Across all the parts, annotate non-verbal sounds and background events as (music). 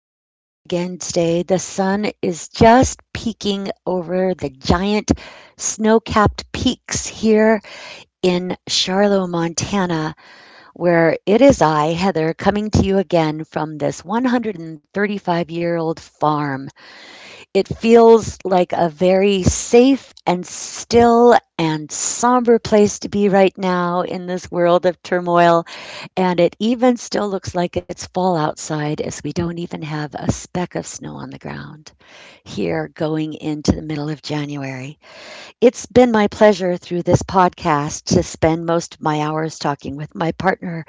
with you again today. The sun is just peeking over the giant snow capped peaks here in Charlotte, Montana, where it is I, Heather, coming to you again from this 135-year-old farm. It feels like a very safe and still and somber place to be right now in this world of turmoil. And it even still looks like it's fall outside as we don't even have a speck of snow on the ground here going into the middle of January. It's been my pleasure through this podcast to spend most of my hours talking with my partner,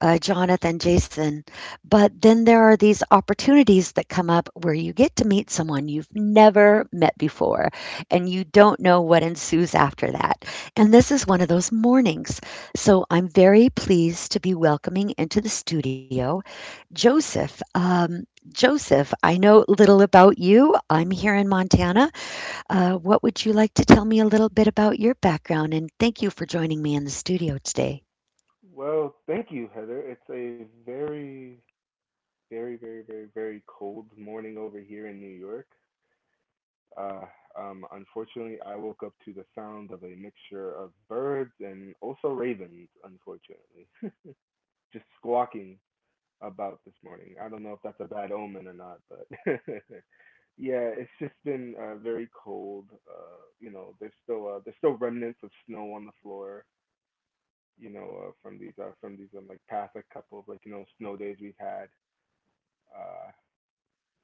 Jonathan, Jason. But then there are these opportunities that come up where you get to meet someone you've never met before and you don't know what ensues after that. And this is one of those mornings. So I'm very pleased to be welcoming into the studio Joseph. Joseph, I know little about you. I'm here in Montana. What would you like to tell me a little bit about your background? And thank you for joining me in the studio today. Well, thank you, Heather. It's a very, cold morning over here in New York. Uh, Unfortunately, I woke up to the sound of a mixture of birds and also ravens, unfortunately, (laughs) just squawking about this morning. I don't know if that's a bad omen or not, but (laughs) yeah, it's just been very cold. You know, there's still remnants of snow on the floor you know, from these like past like couple of like you know snow days we've had. Uh,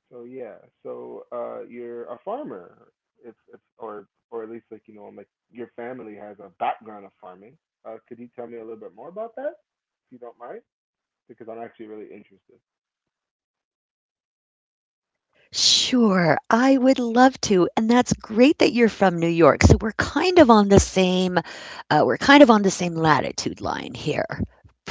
so yeah, so you're a farmer. It's or at least like you know like your family has a background of farming. Could you tell me a little bit more about that, if you don't mind? Because I'm actually really interested. Sure, I would love to, and that's great that you're from New York, so we're kind of on the same, we're kind of on the same latitude line here.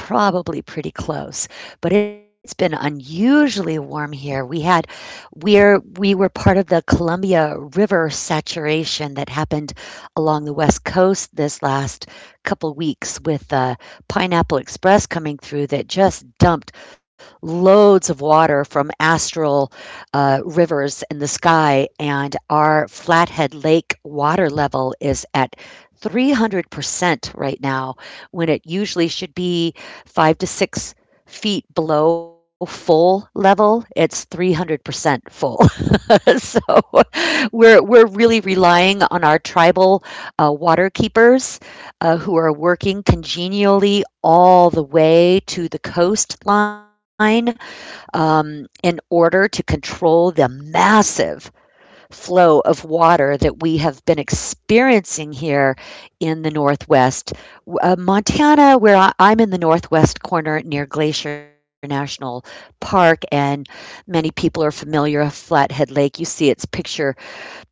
Probably pretty close, but it's been unusually warm here. We had we're we were part of the Columbia River saturation that happened along the West Coast this last couple weeks with Pineapple Express coming through that just dumped loads of water from Astral rivers in the sky, and our Flathead Lake water level is at 300% right now, when it usually should be 5 to 6 feet below full level. It's 300% full. (laughs) So we're really relying on our tribal water keepers who are working congenially all the way to the coastline in order to control the massive flow of water that we have been experiencing here in the Northwest. Montana, where I'm in the Northwest corner near Glacier National Park, and many people are familiar with Flathead Lake. You see its picture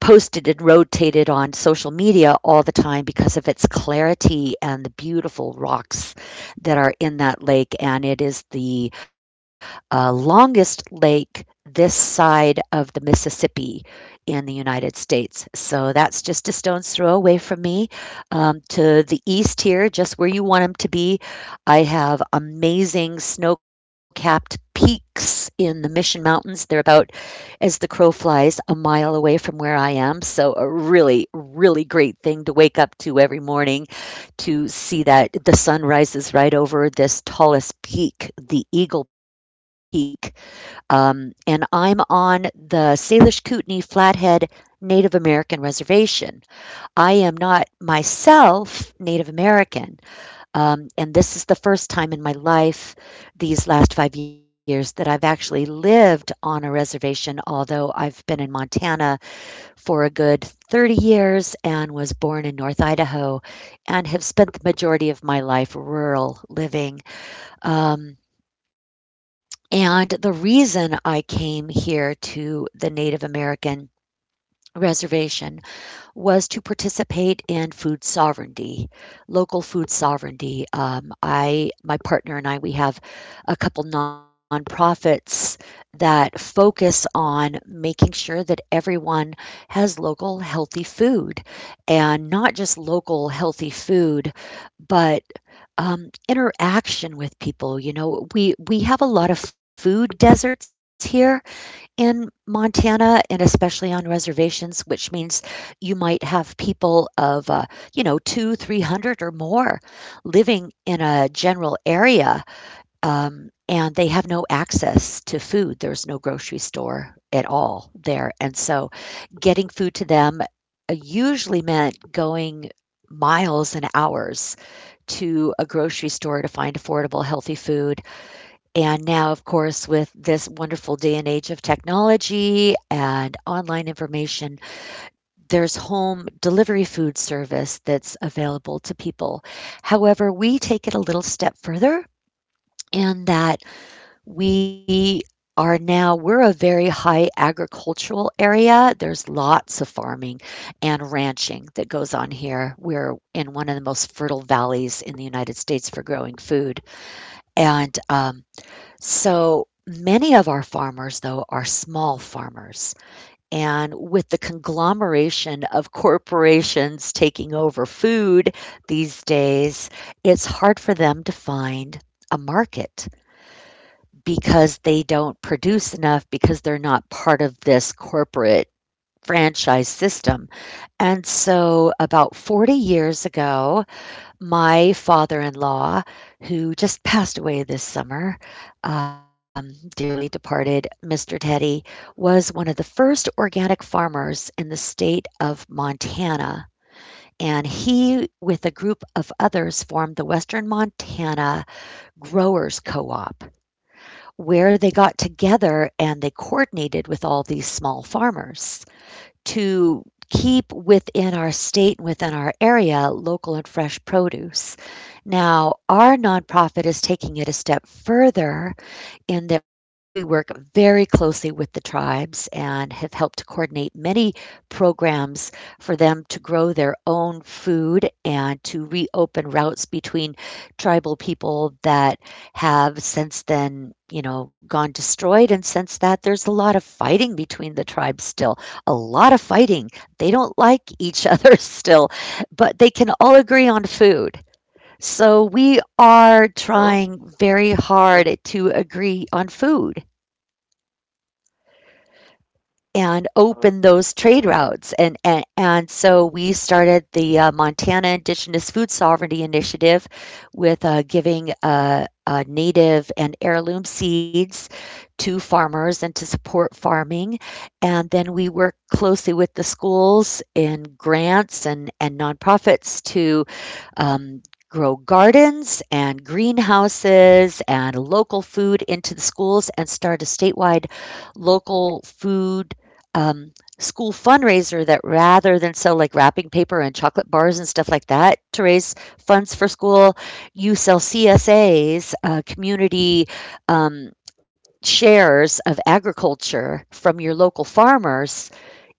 posted and rotated on social media all the time because of its clarity and the beautiful rocks that are in that lake. And it is the longest lake this side of the Mississippi in the United States. So that's just a stone's throw away from me. To the east here, just where you want them to be, I have amazing snow capped peaks in the Mission Mountains. They're about as the crow flies a mile away from where I am. So a really, really great thing to wake up to every morning to see that the sun rises right over this tallest peak, the Eagle Peak. And I'm on the Salish Kootenai Flathead Native American Reservation. I am not myself Native American, and this is the first time in my life, these last 5 years, that I've actually lived on a reservation, although I've been in Montana for a good 30 years and was born in North Idaho and have spent the majority of my life rural living. Um, and the reason I came here to the Native American reservation was to participate in food sovereignty, local food sovereignty. My partner and I, we have a couple nonprofits that focus on making sure that everyone has local healthy food, and not just local healthy food, but interaction with people. You know, we have a lot of food deserts here in Montana, and especially on reservations, which means you might have people of, you know, 2, 300 or more living in a general area, and they have no access to food. There's no grocery store at all there, and so getting food to them, usually meant going miles and hours to a grocery store to find affordable, healthy food, and now, of course, with this wonderful day and age of technology and online information, there's home delivery food service that's available to people. However, we take it a little step further in that we are now we're a very high agricultural area. There's lots of farming and ranching that goes on here. We're in one of the most fertile valleys in the United States for growing food. And So many of our farmers, though, are small farmers. And with the conglomeration of corporations taking over food these days, it's hard for them to find a market because they don't produce enough because they're not part of this corporate franchise system. And so about 40 years ago, my father-in-law, who just passed away this summer, dearly departed Mr. Teddy, was one of the first organic farmers in the state of Montana, and he, with a group of others, formed the Western Montana Growers Co-op, where they got together and they coordinated with all these small farmers to keep within our state, within our area, local and fresh produce. Now, our nonprofit is taking it a step further in that we work very closely with the tribes and have helped to coordinate many programs for them to grow their own food and to reopen routes between tribal people that have since then, you know, gone destroyed. And since that, there's a lot of fighting between the tribes still, a lot of fighting. They don't like each (laughs) other still, but they can all agree on food. So we are Sure. trying very That, hard to agree on food and uh, open those trade routes. And so we started the Montana Indigenous Food Sovereignty Initiative with giving native and heirloom seeds to farmers and to support farming. And then we work closely with the schools in grants and nonprofits to um, grow gardens and greenhouses and local food into the schools and start a statewide local food um, school fundraiser that rather than sell like wrapping paper and chocolate bars and stuff like that to raise funds for school, you sell CSAs, community um, shares of agriculture from your local farmers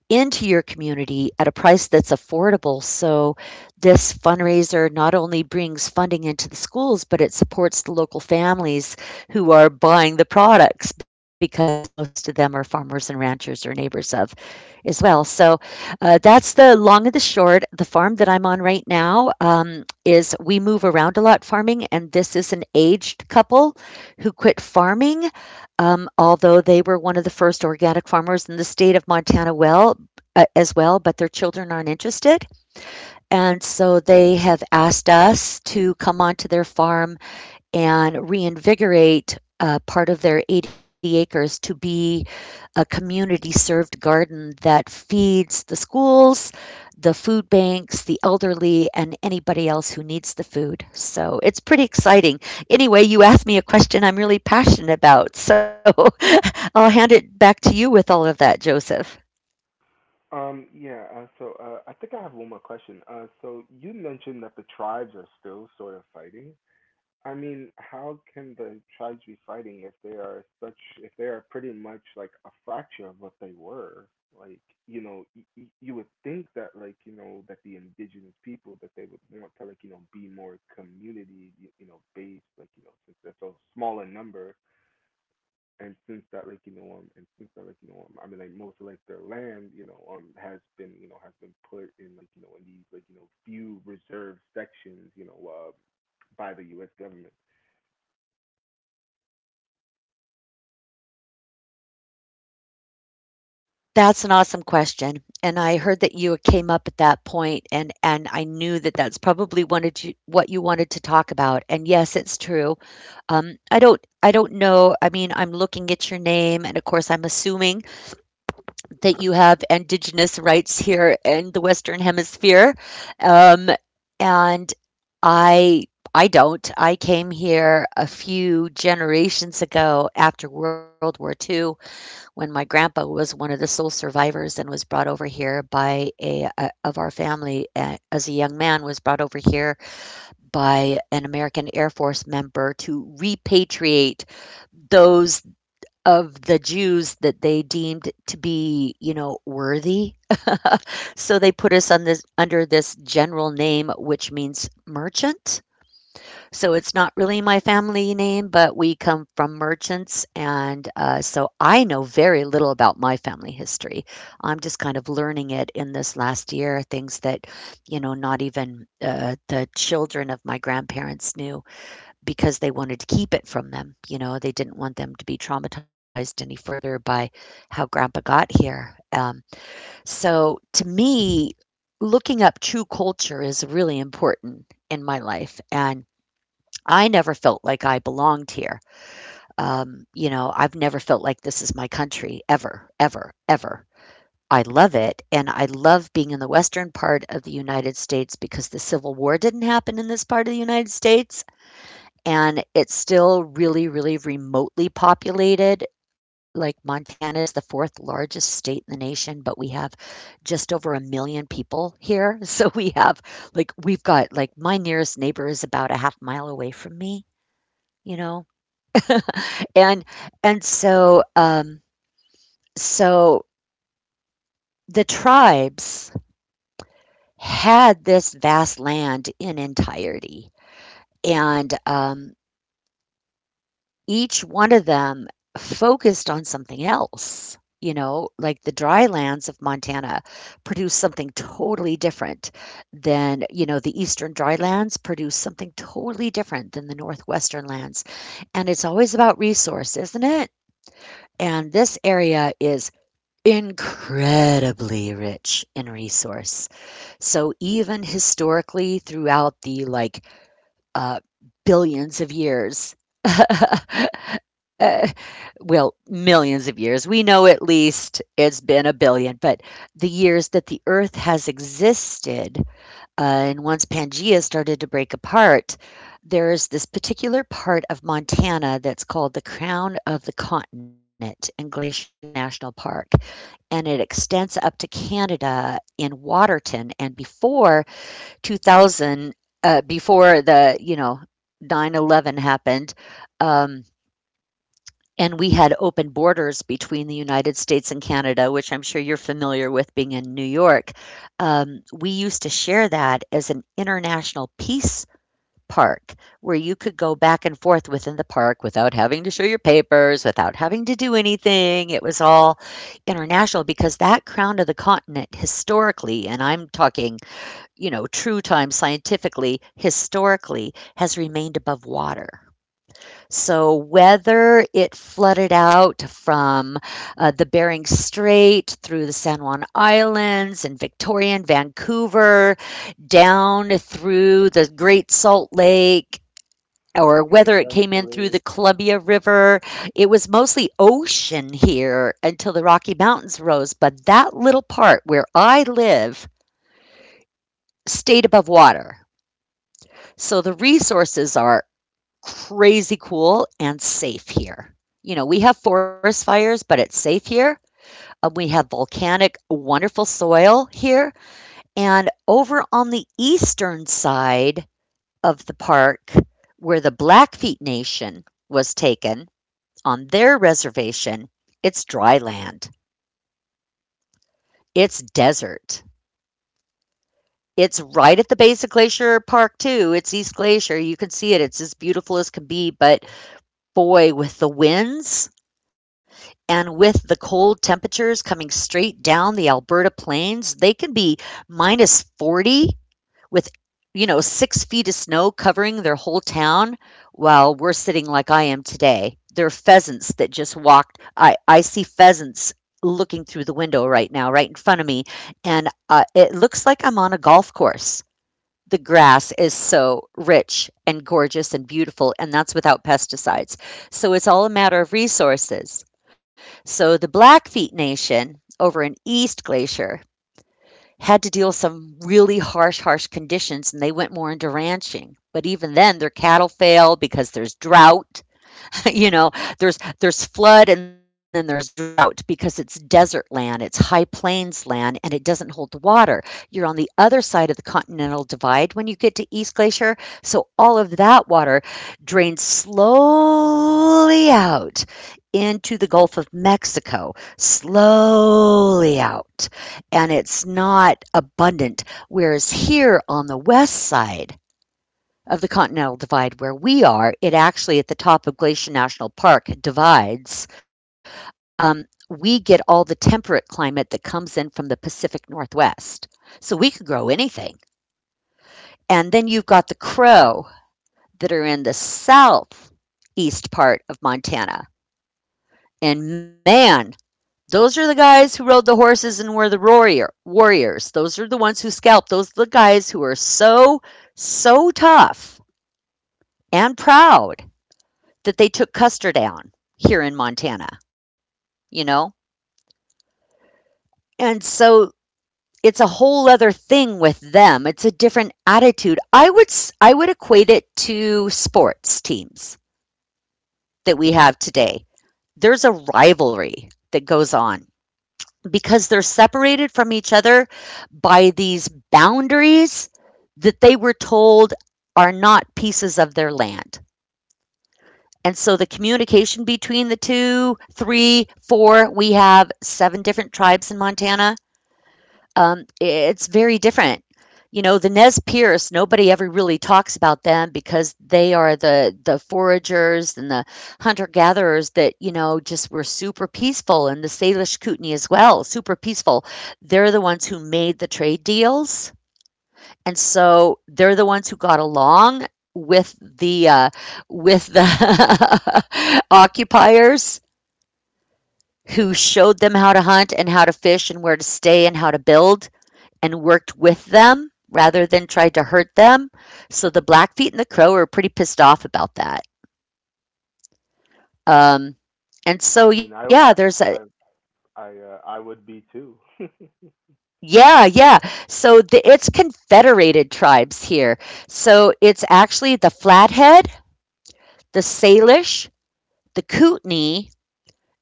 into your community at a price that's affordable. So, this fundraiser not only brings funding into the schools, but it supports the local families who are buying the products because most of them are farmers and ranchers or neighbors of as well. So that's the long and the short. The farm that I'm on right now is we move around a lot farming, and this is an aged couple who quit farming, although they were one of the first organic farmers in the state of Montana. Well. As well, but their children aren't interested. And so they have asked us to come onto their farm and reinvigorate part of their 80 acres to be a community served garden that feeds the schools, the food banks, the elderly, and anybody else who needs the food. So it's pretty exciting. Anyway, you asked me a question I'm really passionate about. So (laughs) I'll hand it back to you with all of that, Joseph. Yeah, so I think I have one more question. So you mentioned that the tribes are still sort of fighting. I mean, how can the tribes be fighting if they are such if they are pretty much like a fraction of what they were? Like, you know, you would think that like, you know, that the indigenous people that they would want to like, you know, be more community, you know, based, like, you know, since that's a smaller number and since that like, you know, I mean like most of like their land, you know, has been, you know, has been put in like, you know, in these like, you know, few reserved sections, you know, by the US government That's an awesome question. And I heard that you came up at that point, and I knew that that's probably wanted you, what you wanted to talk about. And yes, it's true. I don't know. I mean, I'm looking at your name, and of course, I'm assuming that you have indigenous rights here in the Western Hemisphere. Um, and I I don't. I came here a few generations ago after World War II when my grandpa was one of the sole survivors and was brought over here by a of our family as a young man was brought over here by an American Air Force member to repatriate those of the Jews that they deemed to be, you know, worthy. So they put us on this under this general name which means merchant. So it's not really my family name, but we come from merchants and so I know very little about my family history. I'm just kind of learning it in this last year, things that, you know, not even the children of my grandparents knew because they wanted to keep it from them. You know, they didn't want them to be traumatized any further by how grandpa got here. So to me, looking up true culture is really important in my life. And I never felt like I belonged here. You know, I've never felt like this is my country ever, ever, ever. I love it. And I love being in the western part of the United States because the Civil War didn't happen in this part of the United States and it's still really, really remotely populated. Like Montana is the fourth largest state in the nation, but we have just over a million people here. (laughs) So we have like we've got like my nearest neighbor is about a half mile away from me, you know. (laughs) And and so so the tribes had this vast land in entirety. And Each one of them focused on something else, you know, like the dry lands of Montana produce something totally different than, you know, the eastern dry lands produce something totally different than the northwestern lands. And it's always about resource, isn't it? And this area is incredibly rich in resource. So even historically throughout the uh billions of years (laughs) uh, well, millions of years. We know at least it's been a billion, but the years that the Earth has existed, and once Pangea started to break apart, there's this particular part of Montana that's called the Crown of the Continent in Glacier National Park, and it extends up to Canada in Waterton. And before 2000, before 9/11 happened, um, and we had open borders between the United States and Canada, which I'm sure you're familiar with being in New York. We used to share that as an international peace park where you could go back and forth within the park without having to show your papers, without having to do anything. It was all international because that crown of the continent historically, and I'm talking, you know, true time scientifically, historically has remained above water. So, whether it flooded out from the Bering Strait through the San Juan Islands and Victoria and Vancouver down through the Great Salt Lake, or and then whether it came in through the eventually, Columbia River, it was mostly ocean here until the Rocky Mountains rose. But that little part where I live stayed above water. So the resources are crazy cool and safe here. You know, we have forest fires, but it's safe here. We have volcanic, wonderful soil here. And over on the eastern side of the park, where the Blackfeet Nation was taken on their reservation, it's dry land, it's desert. It's right at the base of Glacier Park, too. It's East Glacier. You can see it. It's as beautiful as can be. But boy, with the winds, and with the cold temperatures coming straight down the Alberta plains, they can be minus 40 with, you know, 6 feet of snow covering their whole town while we're sitting like I am today. There are pheasants that just walked. I see pheasants looking through the window right now, right in front of me. And it looks like I'm on a golf course. The grass is so rich and gorgeous and beautiful, and that's without pesticides. So it's all a matter of resources. So the Blackfeet Nation over in East Glacier had to deal with some really harsh, harsh conditions, and they went more into ranching. But even then, their cattle failed because there's drought. (laughs) You know, there's flood and then there's drought because it's desert land, it's high plains land, and it doesn't hold the water. You're on the other side of the continental divide when you get to East Glacier, so all of that water drains slowly out into the Gulf of Mexico, slowly out, and it's not abundant. Whereas here on the west side of the Continental Divide where we are, it actually at the top of Glacier National Park divides. Um, we get all the temperate climate that comes in from the Pacific Northwest. So we could grow anything. And then you've got the Crow that are in the southeast part of Montana. And man, those are the guys who rode the horses and were the warriors. Those are the ones who scalped. Those are the guys who are so, so tough and proud that they took Custer down here in Montana, you know? And so it's a whole other thing with them. It's a different attitude. I would equate it to sports teams that we have today. There's a rivalry that goes on because they're separated from each other by these boundaries that they were told are not pieces of their land. And so the communication between the two, three, four, we have seven different tribes in Montana. It's very different. You know, the Nez Perce, nobody ever really talks about them because they are the foragers and the hunter gatherers that, you know, just were super peaceful. And the Salish Kootenai as well, super peaceful. They're the ones who made the trade deals, and so they're the ones who got along with the (laughs) occupiers who showed them how to hunt and how to fish and where to stay and how to build and worked with them rather than tried to hurt them. So the Blackfeet and the Crow are pretty pissed off about that. Um, and I so mean, yeah, there's a I I would be too. (laughs) yeah, yeah. So it's confederated tribes here. So it's actually the Flathead, the Salish, the Kootenai,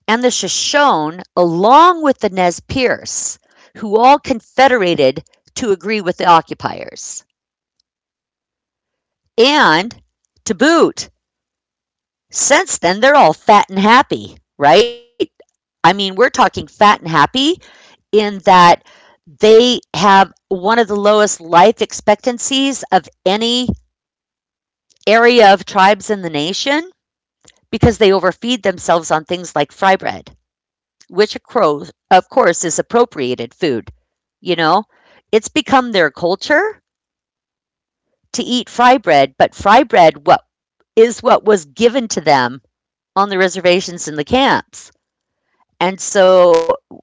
and the Shoshone, along with the Nez Perce, who all confederated to agree with the occupiers. And to boot, since then, they're all fat and happy, right? I mean, we're talking fat and happy in that they have one of the lowest life expectancies of any area of tribes in the nation because they overfeed themselves on things like fry bread, which of course is appropriated food. You know? It's become their culture to eat fry bread, but fry bread what is what was given to them on the reservations in the camps. And so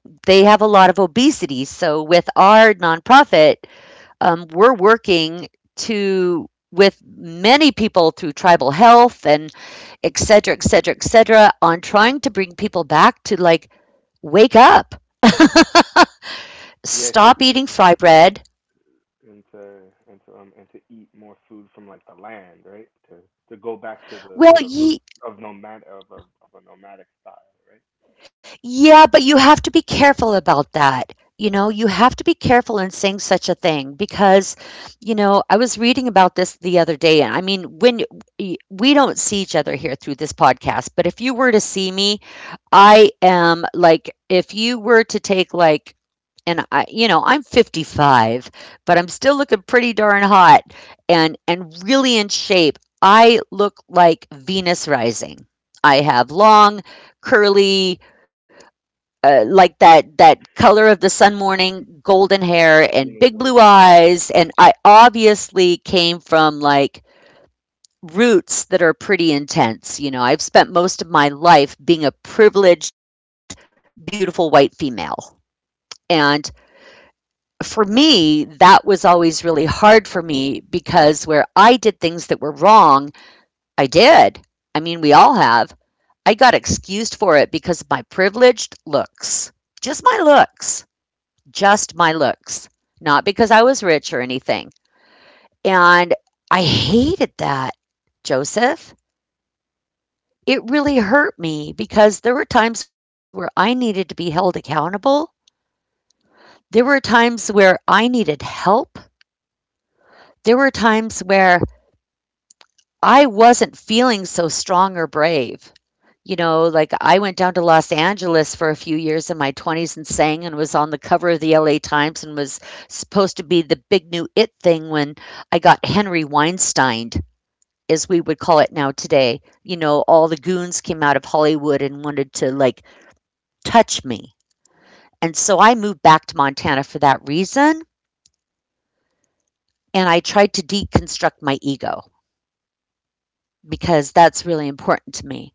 they have a lot of obesity. So with our nonprofit, we're working to with many people through tribal health and et cetera, et cetera, et cetera, on trying to bring people back to like wake up, yeah, to stop eat eating fry bread. and to eat more food from like the land, right? To go back to Well, the roots you. of a nomadic style, right? Yeah, but you have to be careful about that. You know, you have to be careful in saying such a thing because, you know, I was reading about this the other day. And I mean, when we don't see each other here through this podcast, but if you were to see me, I am like, if you were to take like, you know, I'm 55, but I'm still looking pretty darn hot and really in shape. I look like Venus rising. I have long, curly, like that color of the sun morning golden hair You and know, big blue crazy. eyes, and I obviously came from like roots that are pretty intense. You know, I've spent most of my life being a privileged, beautiful white female, and for me that was always really hard for me because where I did things that were wrong, i did I mean we all have. I got excused for it because of my privileged looks, just my looks, just my looks, not because I was rich or anything. And I hated that, Joseph. It really hurt me because there were times where I needed to be held accountable. There were times where I needed help. There were times where I wasn't feeling so strong or brave. You know, like I went down to Los Angeles for a few years in my 20s and sang and was on the cover of the LA Times and was supposed to be the big new it thing when I got Henry Weinsteined, as we would call it now today. You know, all the goons came out of Hollywood and wanted to like touch me. And so I moved back to Montana for that reason. And I tried to deconstruct my ego because that's really important to me.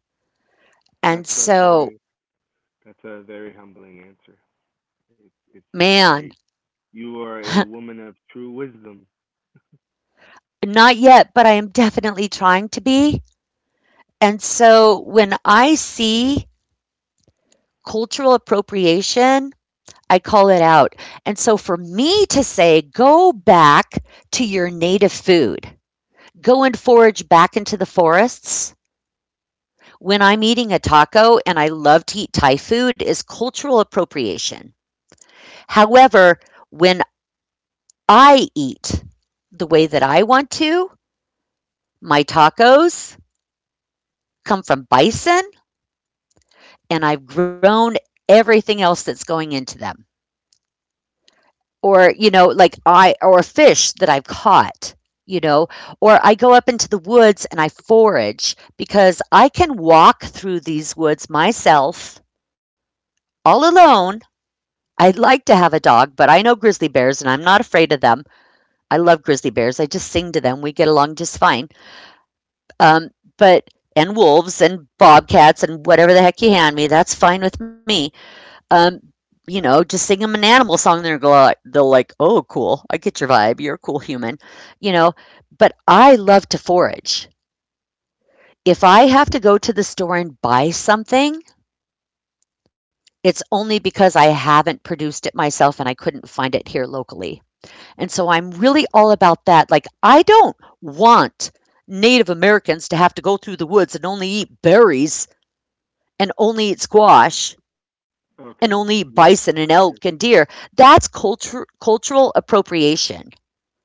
And That's a so, very that's a very humbling answer. It it seems man, like you are (laughs) a woman of true wisdom. not yet, but I am definitely trying to be. And so when I see cultural appropriation, I call it out. And so for me to say, go back to your native food, go and forage back into the forests. When I'm eating a taco and I love to eat Thai food is cultural appropriation. However, when I eat the way that I want to, my tacos come from bison and I've grown everything else that's going into them. Or you know, like I, or a fish that I've caught, you know, or I go up into the woods and I forage because I can walk through these woods myself all alone. I'd like to have a dog, but I know grizzly bears and I'm not afraid of them. I love grizzly bears, I just sing to them, we get along just fine. um, but and wolves and bobcats and whatever the heck you hand me, that's fine with me. um, you know, just sing them an animal song, and they're go like, they'll like, oh, cool, I get your vibe, you're a cool human, you know. But I love to forage. If I have to go to the store and buy something, it's only because I haven't produced it myself and I couldn't find it here locally. And so I'm really all about that. Like, I don't want Native Americans to have to go through the woods and only eat berries and only eat squash and only Okay. bison Yes. and elk and Yes. deer. That's culture, cultural appropriation.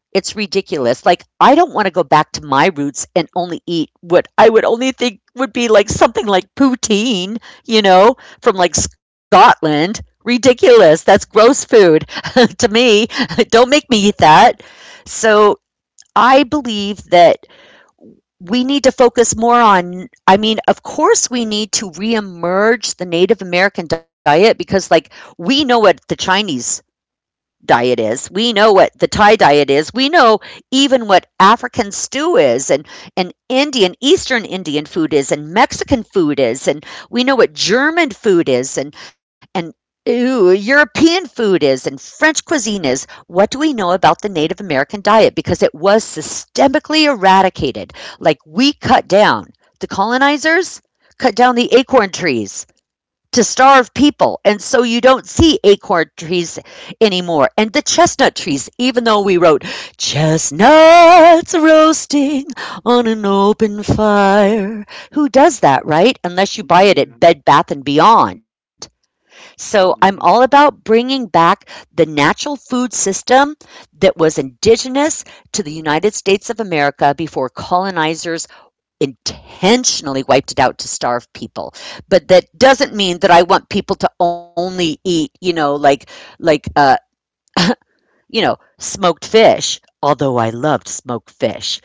It's ridiculous. Like, I don't want to go back to my roots and only eat what I would only think would be like something like poutine, you know, from like Scotland. Ridiculous. That's gross food (laughs) to me. (laughs) Don't make me eat that. So I believe that we need to focus more on, I mean, of course we need to reemerge the Native American diet, because like we know what the Chinese diet is. We know what the Thai diet is. We know even what African stew is, and Indian, Eastern Indian food is, and Mexican food is. And we know what German food is, and European food is, and French cuisine is. What do we know about the Native American diet? Because it was systemically eradicated. Like, we cut down the colonizers, cut down the acorn trees to starve people. And so you don't see acorn trees anymore. And the chestnut trees, even though we wrote chestnuts roasting on an open fire. Who does that, right? y- Unless you buy it Yeah. at Bed Bath and Beyond. So I'm all Mhm. about bringing back the natural food system that was indigenous to the United States of America before colonizers intentionally wiped it out to starve people, but that doesn't mean that I want people to only eat, like like, smoked fish, although I loved smoked fish.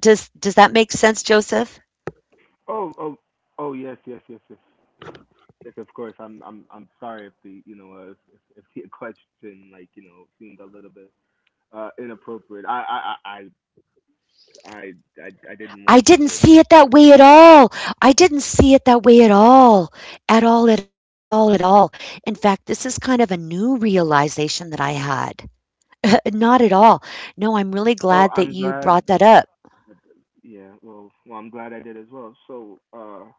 Does that make sense, Joseph? Oh. Oh. Oh. Yes. Yes, of course. I'm sorry if the you know if the (laughs) question like you know seemed a little bit inappropriate. I I I didn't I want to didn't get. see it that That. way at all. I didn't see it that way at all, at all, at all, at all. In fact, this is kind of a new realization that I had. Not at all. No, I'm really glad Well, that I'm you glad. brought that up. Yeah. Well, I'm glad I did as well. So uh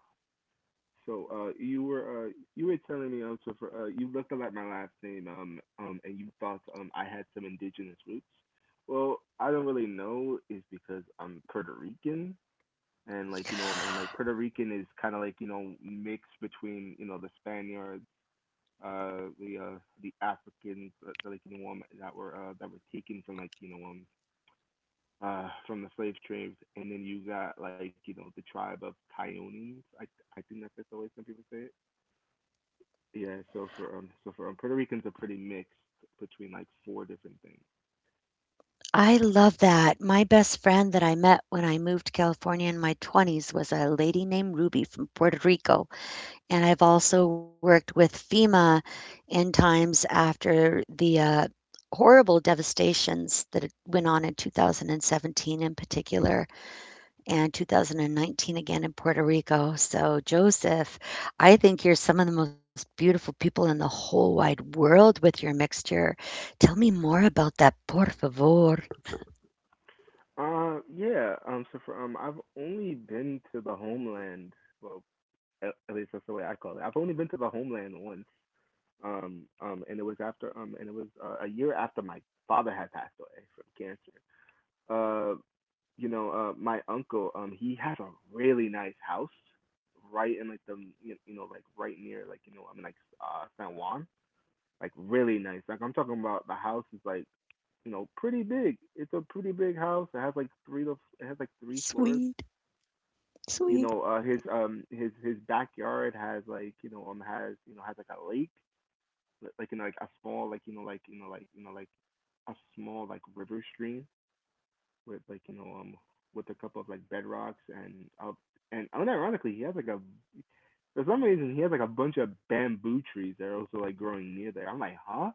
so uh you were telling me also for you looked a lot my last name and you thought I had some indigenous roots. Well, I don't really know is because I'm Puerto Rican and like you know and like Puerto Rican is kind of like you know mixed between you know the Spaniards the Africans, like you know that were taken from like you know from the slave trade and then you got like you know the tribe of Taonines I think that's just the way some people say it. Yeah, so for Puerto Ricans are pretty mixed between like four different things. I love that. My best friend that I met when I moved to California in my 20s was a lady named Ruby from Puerto Rico, and I've also worked with FEMA in times after the, horrible devastations that it went on in 2017 in particular, and 2019 again in Puerto Rico. So, Joseph, I think you're some of the most beautiful people in the whole wide world with your mixture. Tell me more about that, por favor. Yeah so for I've only been to the homeland. Well, at least that's the way I call it. I've only been to the homeland once, and it was after, and it was a year after my father had passed away from cancer. Uh, you know, my uncle, he has a really nice house right in like the, you know, like right near, like you know, I mean, like San Juan, like really nice. Like I'm talking about the house is like you know, pretty big. It's a pretty big house. It has like three, it has like three floors. Sweet. You Sweet. know his his backyard has like you know has you know has like a lake, like you know like a small like you know like you know like you know like a small like river stream with like you know with a couple of like bedrocks and up and unironically he has like a for some reason he has like a bunch of bamboo trees that are also like growing near there. I'm like, huh?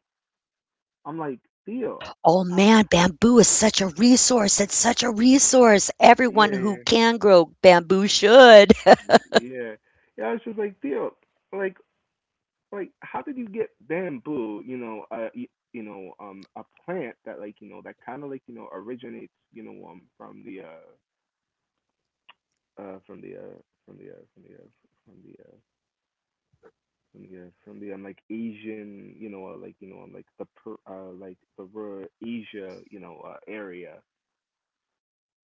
I'm like Theo, Oh ah, man, bamboo is such a resource. It's such a resource. yeah, Everyone who yeah, can grow bamboo should. (laughs) yeah. Yeah, I was just like Theo. Like like how did you get bamboo you know you know a plant that like you know that kind of like you know originates you know from the from the from the from the from the from the, from the like Asian, you know, like you know, like like the rural Asia, you know, area.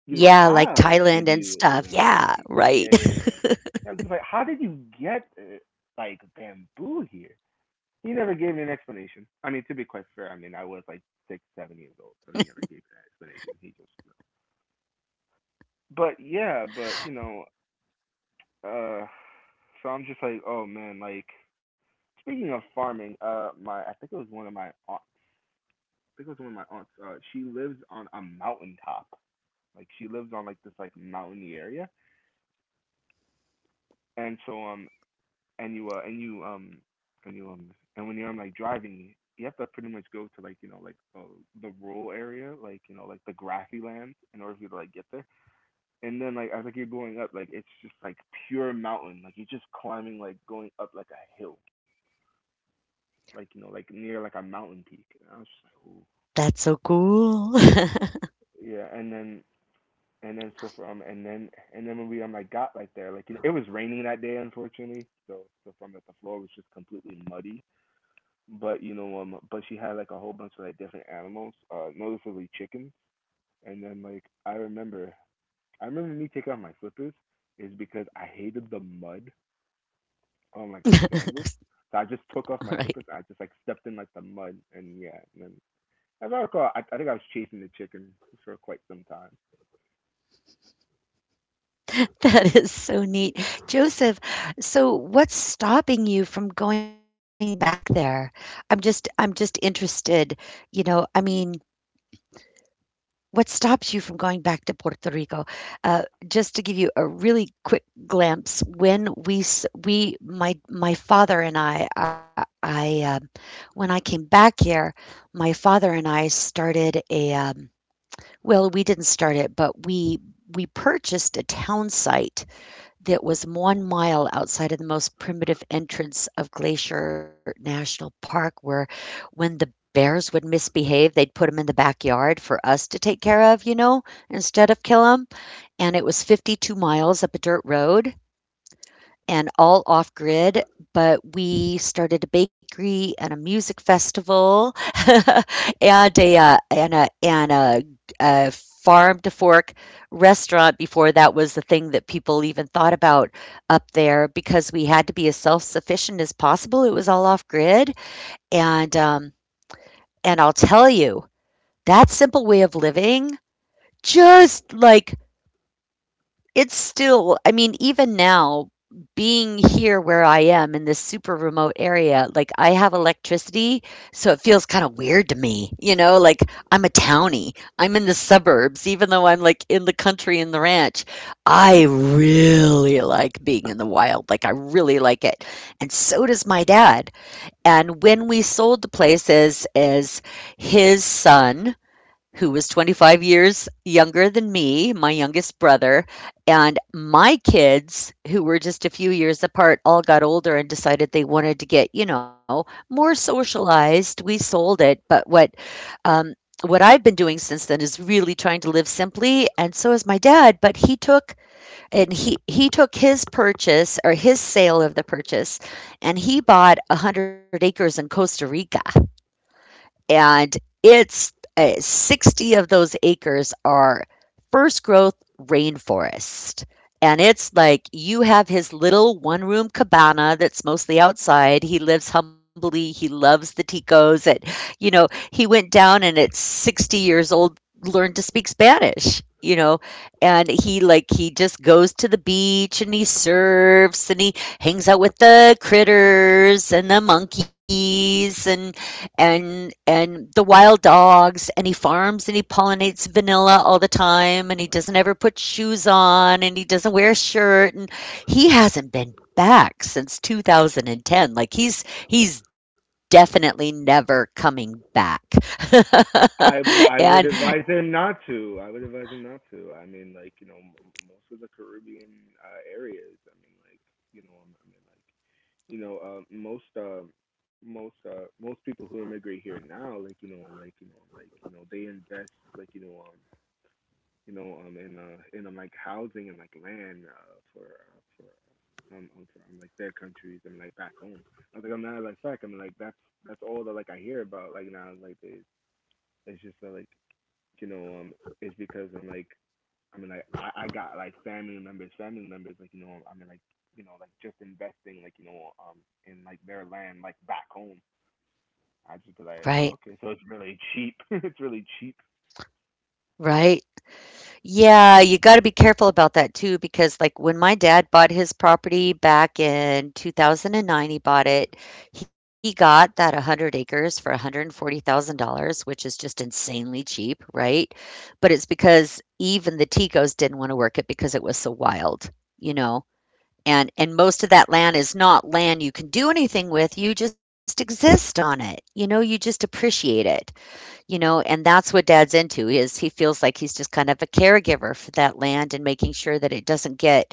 You know, Yeah, like how did Thailand and you? stuff. Yeah, eh, eh, right. yeah, yeah, yeah. I'm just like, how did you get like bamboo here? He never gave me an explanation. I mean, to be quite fair, I mean, I was like six, 7 years old, so he never gave me an explanation. He just, you know. But yeah, but you know, uh, so I'm just like, oh man, like speaking of farming, my I think it was one of my aunts. I think it was one of my aunts. She lives on a mountaintop. Like she lives on like this like mountainy area, and so and you and you and you and when you're like driving you have to pretty much go to like you know like the rural area like you know like the grassy land in order for you to like get there and then like as like you're going up like it's just like pure mountain like you're just climbing like going up like a hill like you know like near like a mountain peak and I was just like ooh. (laughs) That's so cool. Yeah, and then and then so from and then and then when we like got like there like you know it was raining that day unfortunately so so from that the floor was just completely muddy but you know but she had like a whole bunch of like different animals noticeably chickens and then like I remember me taking off my slippers is because I hated the mud on like my (laughs) sandals, so I just took off my slippers. I Right. just like stepped in like the mud and yeah. And then as I recall I think I was chasing the chicken for quite some time. That is so neat. Joseph, so what's stopping you from going back there? I'm just interested, you know, I mean, what stops you from going back to Puerto Rico? Uh, just to give you a really quick glimpse, when we, my my father and I, when I came back here, my father and I started a well, we didn't start it, but we purchased a town site that was 1 mile outside of the most primitive entrance of Glacier National Park, where when the bears would misbehave, they'd put them in the backyard for us to take care of, you know, instead of kill them. And it was 52 miles up a dirt road and all off grid, but we started a bakery and a music festival (laughs) and a a farm to fork restaurant before that was the thing that people even thought about up there, because we had to be as self sufficient as possible. It was all off grid, and um, and I'll tell you that simple way of living, just like it's still, I mean, even now, being here where I am in this super remote area, like, I have electricity, so it feels kinda weird to me, you know? Like, I'm a townie. I'm in the suburbs, even though I'm, like, in the country in the ranch. I really like being in the wild, like, I really like it, and so does my dad, and when we sold the place, as his son, who was 25 years younger than me, my youngest brother, and my kids, who were just a few years apart, all got older and decided they wanted to get, you know, more socialized. We sold it, but um what I've been doing since then is really trying to live simply, and so is my dad, but he took, and he took his purchase, or his sale of the purchase, and he bought 100 acres in Costa Rica, and it's 60 of those acres are first growth rainforest. And it's like, you have his little one room cabana that's mostly outside. He lives humbly. He loves the Ticos. You know, he went down and at 60 years old learned to speak Spanish, you know, and he like, he just goes to the beach and he surfs and he hangs out with the critters and the monkeys and and the wild dogs, and he farms and he pollinates vanilla all the time and he doesn't ever put shoes on and he doesn't wear a shirt, and he hasn't been back since 2010. Like, he's definitely never coming back. (laughs) I and would advise them not to. I would advise them not to. I mean, like you know, most of the Caribbean areas. I mean, like you know, I mean, like you know, most people who immigrate here now, like you know, like you know, like you know, they invest like you know, in like housing and like land for like their countries. I mean, like back home. I think I'm not like fact. I mean, like that's all that like I hear about like now. Like it, it's just like you know, it's because I'm like I mean, like I got like family members, like you know, I mean, like you know, like just investing, like you know, in like their land, like back home. I just be like, oh, right. okay, so it's really cheap. (laughs) It's really cheap, Right. Yeah, you gotta be careful about that too, because like when my dad bought his property back in 2009, he bought it. He got that 100 acres for $140,000, which is just insanely cheap, right? But it's because even the Ticos didn't want to work it because it was so wild, you know? And most of that land is not land you can do anything with. You just exist on it. You know, you just appreciate it. You know, and that's what dad's into, is he feels like he's just kind of a caregiver for that land and making sure that it doesn't get,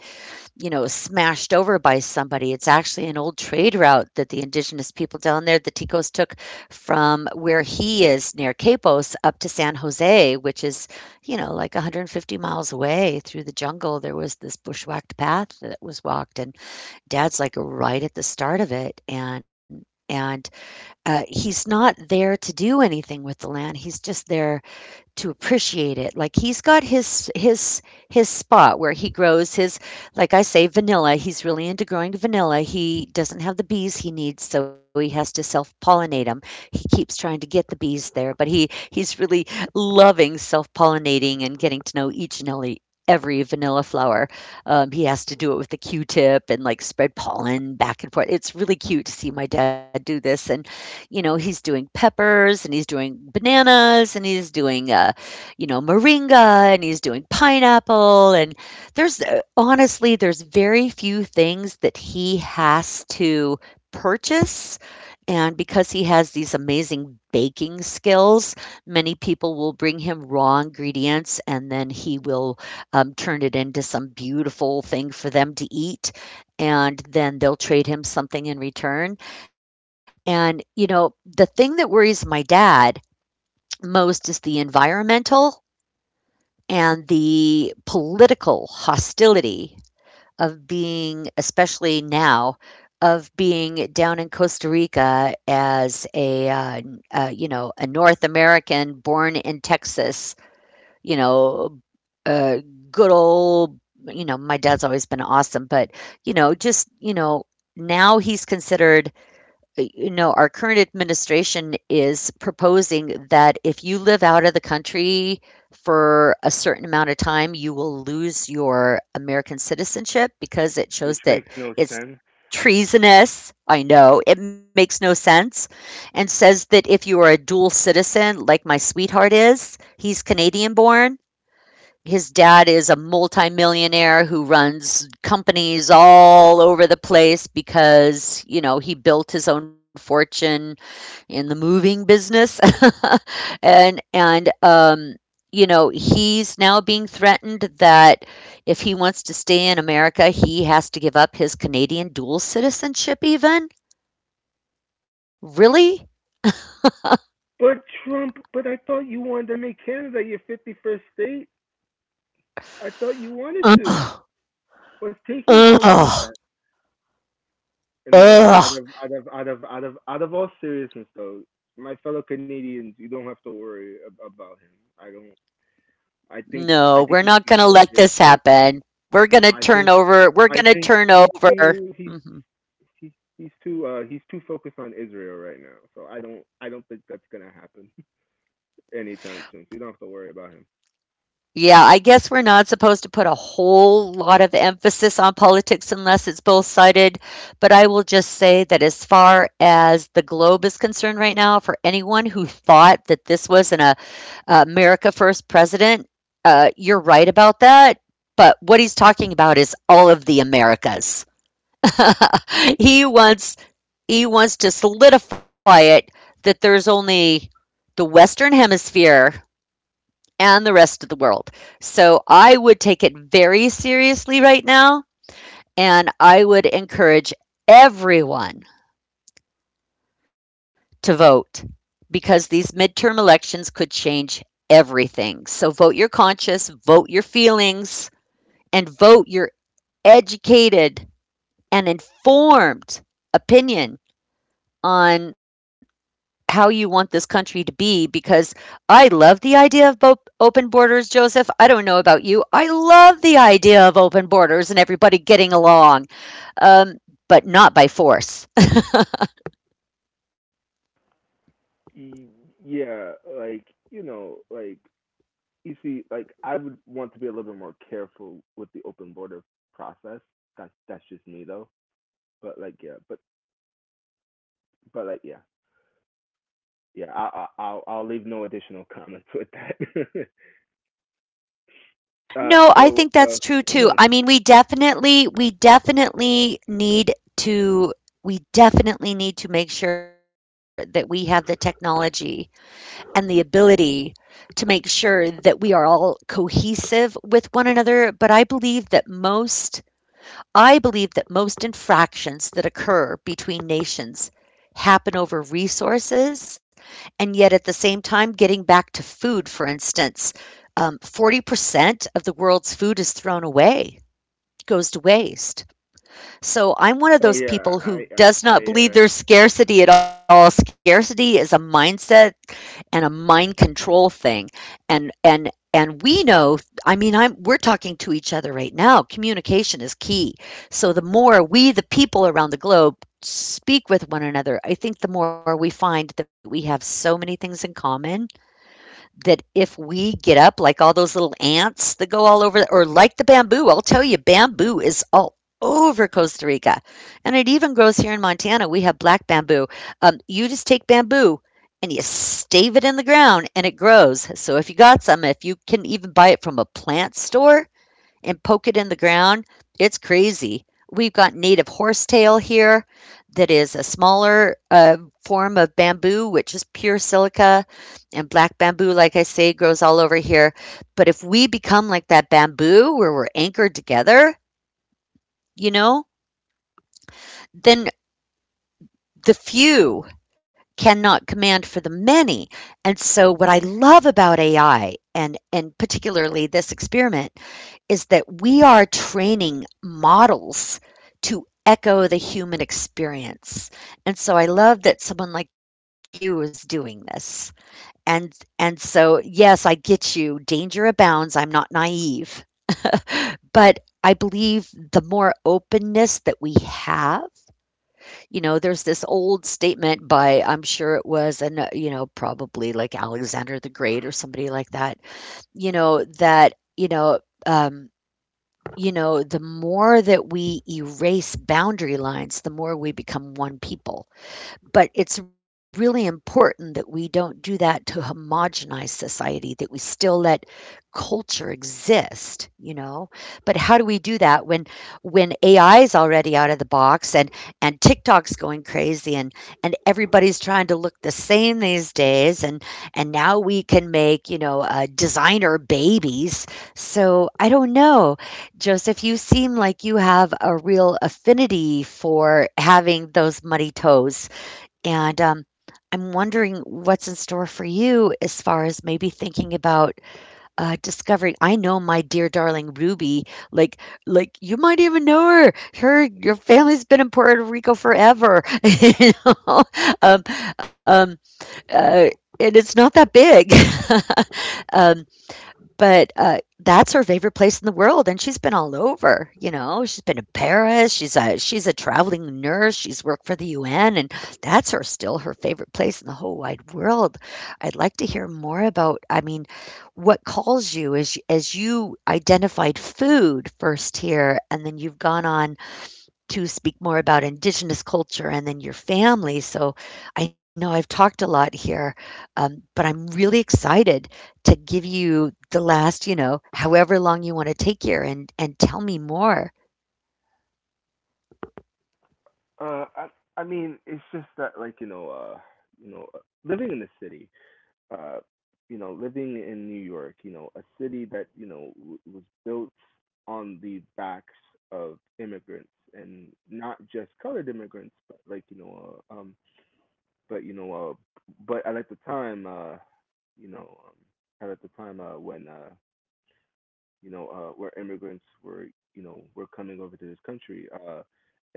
you know, smashed over by somebody. It's actually an old trade route that the indigenous people down there, the Ticos, took from where he is near Capos up to San Jose, which is, you know, like 150 miles away through the jungle. There was this bushwhacked path that was walked, and dad's like right at the start of it, and he's not there to do anything with the land. He's just there to appreciate it. Like, he's got his his spot where he grows his, like I say, vanilla. He's really into growing vanilla. He doesn't have the bees he needs, so he has to self-pollinate them. He keeps trying to get the bees there, but he's really loving self-pollinating and getting to know each and every vanilla flower. He has to do it with the Q-tip and like spread pollen back and forth. It's really cute to see my dad do this, and you know, he's doing peppers and he's doing bananas and he's doing you know, moringa, and he's doing pineapple. And there's honestly, there's very few things that he has to purchase. And because he has these amazing baking skills, many people will bring him raw ingredients and then he will turn it into some beautiful thing for them to eat. And then they'll trade him something in return. And, you know, the thing that worries my dad most is the environmental and the political hostility of being, especially now, of being down in Costa Rica as a, you know, a North American born in Texas, you know, uh, good old, you know, my dad's always been awesome, but, you know, just, you know, now he's considered, you know, our current administration is proposing that if you live out of the country for a certain amount of time, you will lose your American citizenship, because it which shows that makes no it's sense. treasonous. I know it makes no sense. And says that if you are a dual citizen, like my sweetheart is, he's Canadian born, his dad is a multimillionaire who runs companies all over the place because, you know, he built his own fortune in the moving business. (laughs) And, you know, he's now being threatened that if he wants to stay in America, he has to give up his Canadian dual citizenship even. Really? But Trump, but I thought you wanted to make Canada your 51st state. I thought you wanted to. Ugh, What's taking you so long ugh, with that? No, out ugh. of all seriousness though, my fellow Canadians, you don't have to worry about him. I don't. I No, think we're he's too not gonna let focused. this With, happen. I think We're I gonna think turn he's over. too Mhm. he's he's too he's too focused on Israel right now. So I don't think that's gonna happen (laughs) anytime soon. So you don't have to worry about him. Yeah, I guess we're not supposed to put a whole lot of emphasis on politics unless it's both-sided, but I will just say that as far as the globe is concerned right now, for anyone who thought that this was an a America First president, you're right about that, but what he's talking about is all of the Americas. (laughs) He wants he wants to solidify it that there's only the Western Hemisphere and the rest of the world. So I would take it very seriously right now, and I would encourage everyone to vote because these midterm elections could change everything. So vote your conscience, vote your feelings, and vote your educated and informed opinion on how you want this country to be because I love the idea of open borders, Joseph. I don't know about you. I love the idea of open borders and everybody getting along, um, but not by force. Y- Yeah, like you know, like you see, like I would want to be a little bit more careful with the open border process. That's just me though. But like yeah, but like yeah, yeah. I'll leave no additional (laughs) comments with that. (laughs) uh, No, I think so that's uh, true too. no. I mean, we definitely need to. We definitely need to make sure that we have the technology and the ability to make sure that we are all cohesive with one another. But I believe that most infractions that occur between nations happen over resources, and yet at the same time, getting back to food, for instance, 40% of the world's food is thrown away, goes to waste. So I'm one of Oh those yeah, people who does not believe there's scarcity at all. Scarcity is a mindset and a mind control thing and we know. I mean I'm We're talking to each other right now. Communication is key, so the more we the people around the globe speak with one another, I think the more we find that we have so many things in common that if we get up like all those little ants that go all over, or like the bamboo. I'll tell you, bamboo is all over Costa Rica. And it even grows here in Montana. We have black bamboo. You just take bamboo and you stave it in the ground and it grows. So if you got some, if you can even buy it from a plant store, and poke it in the ground, it's crazy. We've got native horsetail here that is a smaller form of bamboo, which is pure silica. And black bamboo, like I say, grows all over here. But if we become like that bamboo where we're anchored together, you know, then the few cannot command for the many. And so, what I love about AI, and particularly this experiment, is that we are training models to echo the human experience. And so I love that someone like you is doing this. And and so yes, I get you. Danger abounds. I'm not naive. But I believe the more openness that we have, you know, there's this old statement by I'm sure it was an you know, probably like Alexander the Great or somebody like that, you know, that, um you know, the more that we erase boundary lines, the more we become one people. But it's really important that we don't do that to homogenize society, that we still let culture exist, you know? But how do we do that when AI is already out of the box, and TikTok's going crazy, and everybody's trying to look the same these days, and now we can make, you know, designer babies. So, I don't know. Joseph, you seem like you have a real affinity for having those muddy toes. And, I'm wondering what's in store for you as far as maybe thinking about, discovering I know my dear darling Ruby, like like, you might even know her. Her your family's been in Puerto Rico forever, (laughs) you know? Um um, uh, and it's not that big. (laughs) Um, but That's her favorite place in the world, and she's been all over. You know, she's been to Paris. She's a traveling nurse. She's worked for the UN, and that's her still her favorite place in the whole wide world. I'd like to hear more about. I mean, what calls you as you identified food first here, and then you've gone on to speak more about Indigenous culture and then your family. So I know I've talked a lot here, but I'm really excited to give you the last, you know, however long you want to take here and tell me more. uh, uh I I mean it's just that, you know uh, living in the city, uh you know, living in New York, a city that, was built on the backs of immigrants, and not just colored immigrants, but, like you know but you know but at the time, you know at the time when, were immigrants were, you know, were coming over to this country.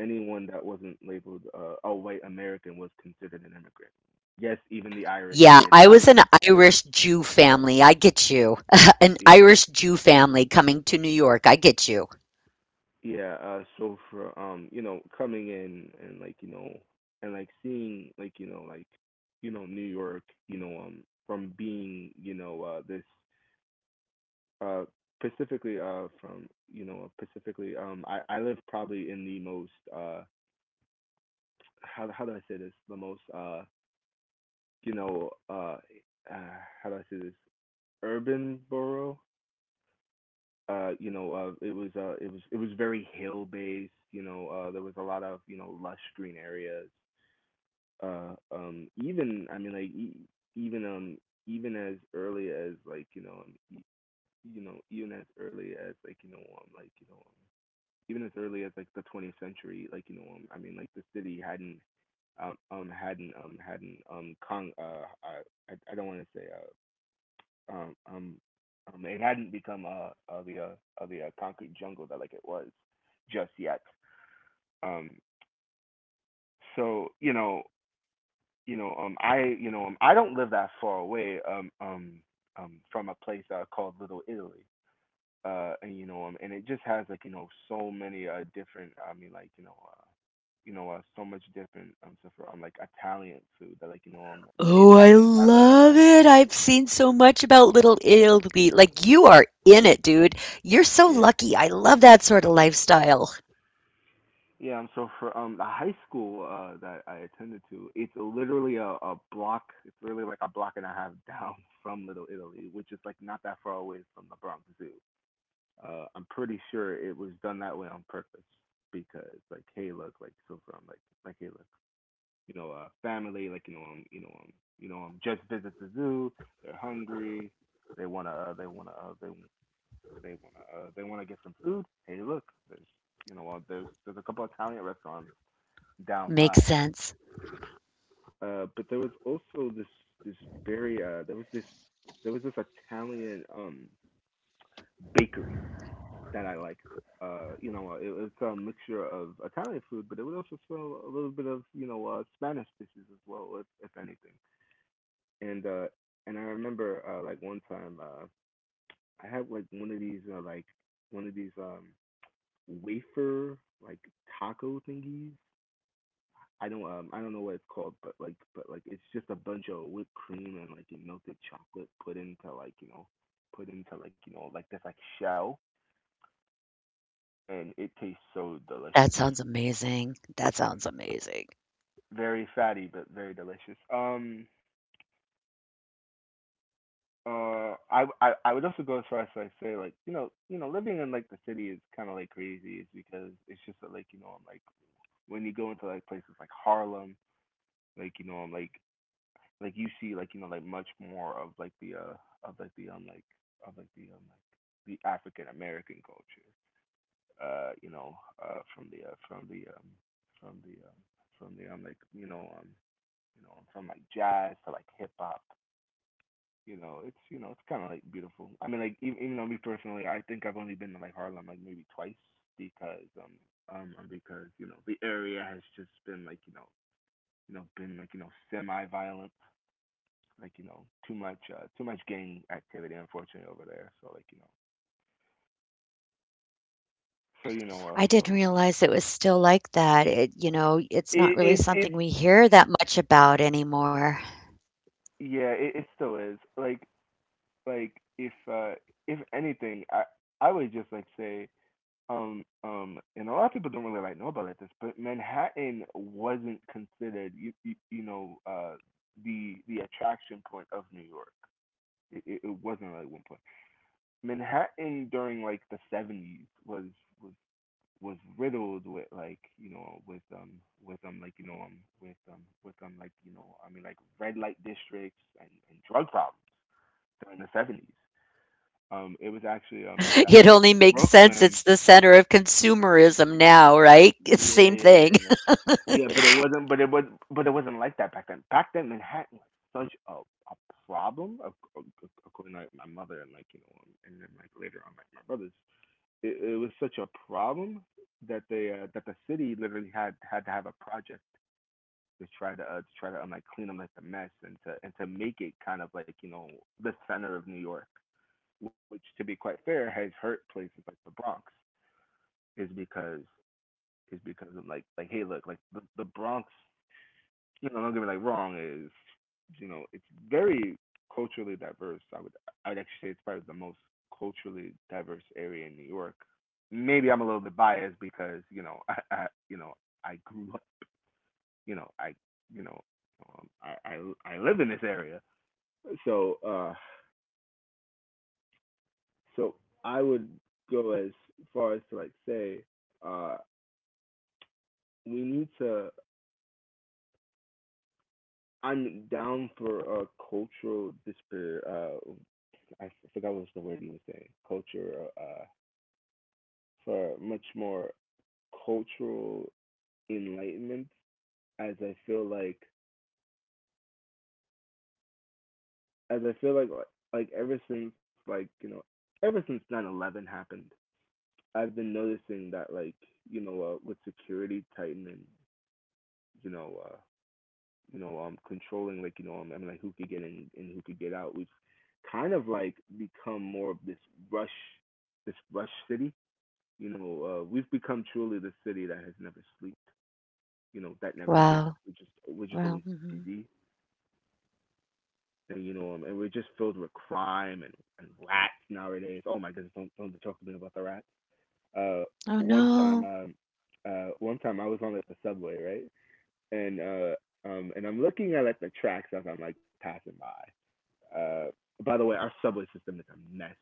Anyone that wasn't labeled, a white American, was considered an immigrant. Yes, even the Irish and Yeah, the I was an Italians were, Irish Jew were family. I get you. (laughs) An yeah, Irish Jew family coming to New York. I get you. yeah. So for, you know, coming in and, like, and like seeing, like, you know, New York, from being, this, uh, specifically from you know, specifically, I live probably in the most, how do I say this, the most, you know uh, uh how do I say this, urban borough. It was, it was very hill based There was a lot of, you know, lush green areas. Even, I mean, like, even, even as early as like, even as early as like, even as early as like the 20th century. I mean, like the city hadn't, hadn't hadn't con I don't want to say, uh um um it hadn't become, the concrete jungle that like it was just yet. um you know, I don't live that far away, from a place, called Little Italy. And, you know, and it just has, like, you know, so many, different, I mean, like, so much different, stuff, for, like Italian food that, like, that the Oh, I Italians have, like, you know. love it. I've seen so much about Little Italy. Like, you are in it, dude. You're so Yeah, lucky. I love that sort of lifestyle. yeah. So for The high school that I attended to, it's literally a block, it's literally like a block and a half down (laughs) from Little Italy, which is like not that far away from the Bronx Zoo. I'm pretty sure it was done that way on purpose, because, like, hey, look, like, so from like hey look you know, family, like, you know, just visits the zoo. They're hungry. They wanna, they wanna get some food. Hey, look, there's, there's a couple Italian restaurants down Makes by. sense. But there was also this very there was this Italian bakery that I liked. You know, it was a mixture of Italian food, but it would also smell a little bit of, you know, Spanish dishes as well, if anything. and uh and I remember, like one time, I had like one of these, one of these um wafer like taco thingies. I don't know what it's called, but, it's just a bunch of whipped cream and like, you melted chocolate, put into, like, you know, like this like shell, and it tastes so That sounds delicious. amazing. That sounds amazing. Very fatty but very delicious. I would also go as far as I say, like, you know, living in like the city is kind of like crazy, is because it's just that, like, when you go into like places like Harlem, like, you know, like you see, like, you know, like much more of like the like of like the African American culture, uh you know from the, from the from the from the like you know you know, from like jazz to like hip hop. You know, it's kind of like beautiful. I mean, like, even though, me personally, I think I've only been to like Harlem like maybe twice, because, because, you know, the area has just been like, you know, been like, you know, semi violent like, you know, too much, too much gang activity, unfortunately, over there. So, like, so you I know uh didn't so realize it was still like that. It, you know, it's not really it something it's we it's, hear that much about anymore. (laughs) yeah, it still is like, like if uh if anything, I would just like say, and a lot of people don't really like know about like this, but Manhattan wasn't considered, you know, the attraction point of New York. It wasn't, like, one point Manhattan during like the 70s was, was was riddled with, like, you know, with like you know with like, you know, I mean, like red light districts and, drug problems during the 70s. It was It actually only makes sense. Brooklyn. It's the center of consumerism now, right? (laughs) It's Yeah, yeah, same yeah. thing. Yeah, Yeah, But it wasn't. But it wasn't like that back then. Back then, Manhattan was such a problem. According to, like, my mother, and, like, you know, and then, like, later on, like, my brothers, it was such a problem that they, that the city literally had to have a project to try to, to try to, like, clean up like the mess, and to, make it kind of like, you know, the center of New York, which, to be quite fair, has hurt places like the Bronx, is because is because of like, hey, look, like, the, Bronx, you know, don't get me like wrong, is, you know, it's very culturally diverse. I would actually say it's probably the most culturally diverse area in New York. Maybe I'm a little bit biased because, you know, (laughs) I grew up, you know, you know I live in this area. So, so I would go as far as to, like, say, uh we need to, I'm down for a cultural disparate. I forgot what was the word you were saying. Culture. Uh, for much more cultural enlightenment, as I feel like, as I feel like, like ever since, like, you know, ever since 9/11 happened, I've been noticing that, like, you know, with security tightening, you know, controlling, like, you know, I mean, like, who could get in and who could get out. We've kind of like become more of this rush, this rush city. You know, we've become truly the city that has never slept. You know, that (laughs) never sleeps. Wow. We're just always Wow. Hmm. busy, and you know, and we're just filled with crime and, rats nowadays. Oh my goodness, don't talk to me about the rats. Uh, Oh one time, no. um, one time I was on like the subway, right, and, and I'm looking at, like, the tracks as I'm like passing by. Uh, by the way, our subway system is a mess.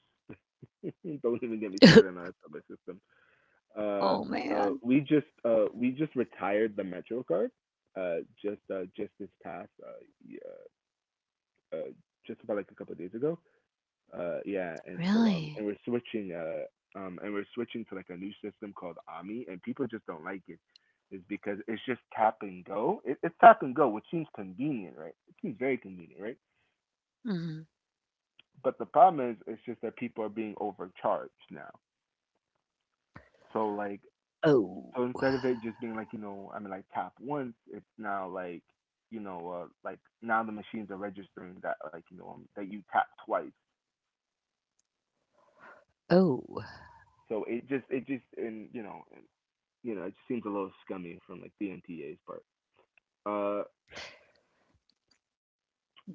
(laughs) Don't even get me (laughs) started on our subway system. Oh Uh, man. uh, we just retired the Metro. Uh, just, just this past, uh, uh, just about like a couple of days ago. Yeah, and so, and Really? we're switching, and we're switching to like a new system called Ami, and people just don't like it. Is because it's just tap and go. It's tap and go, which seems convenient, right? It seems very convenient, right? Mhm. But the problem is, it's just that people are being overcharged now. So like, Oh. so instead of it just being like, you know, I mean, like tap once, it's now like, you know, like now the machines are registering that, like, you know, that you tap twice. Oh. So it just, and, you know, you know, it just seems a little scummy from like the MTA's part. Uh,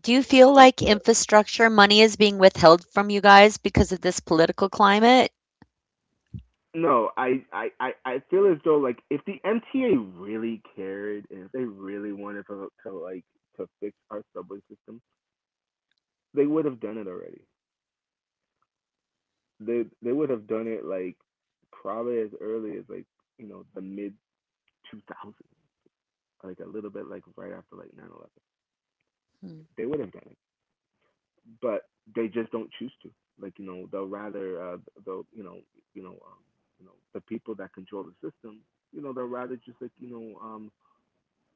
Do you feel but like infrastructure money is being withheld from you guys because of this political climate? No, I feel as though like if the MTA really cared, and if they really wanted to, to fix our subway system, they would have done it already. They would have done it like probably as early as like, you know, the mid 2000s, like a little bit like right after like 9/11. Hmm. They would have done it, but they just don't choose to. Like, you know, they'll, you know, you know um, you know, the people that control the system, you know, they'll rather just, like, you know,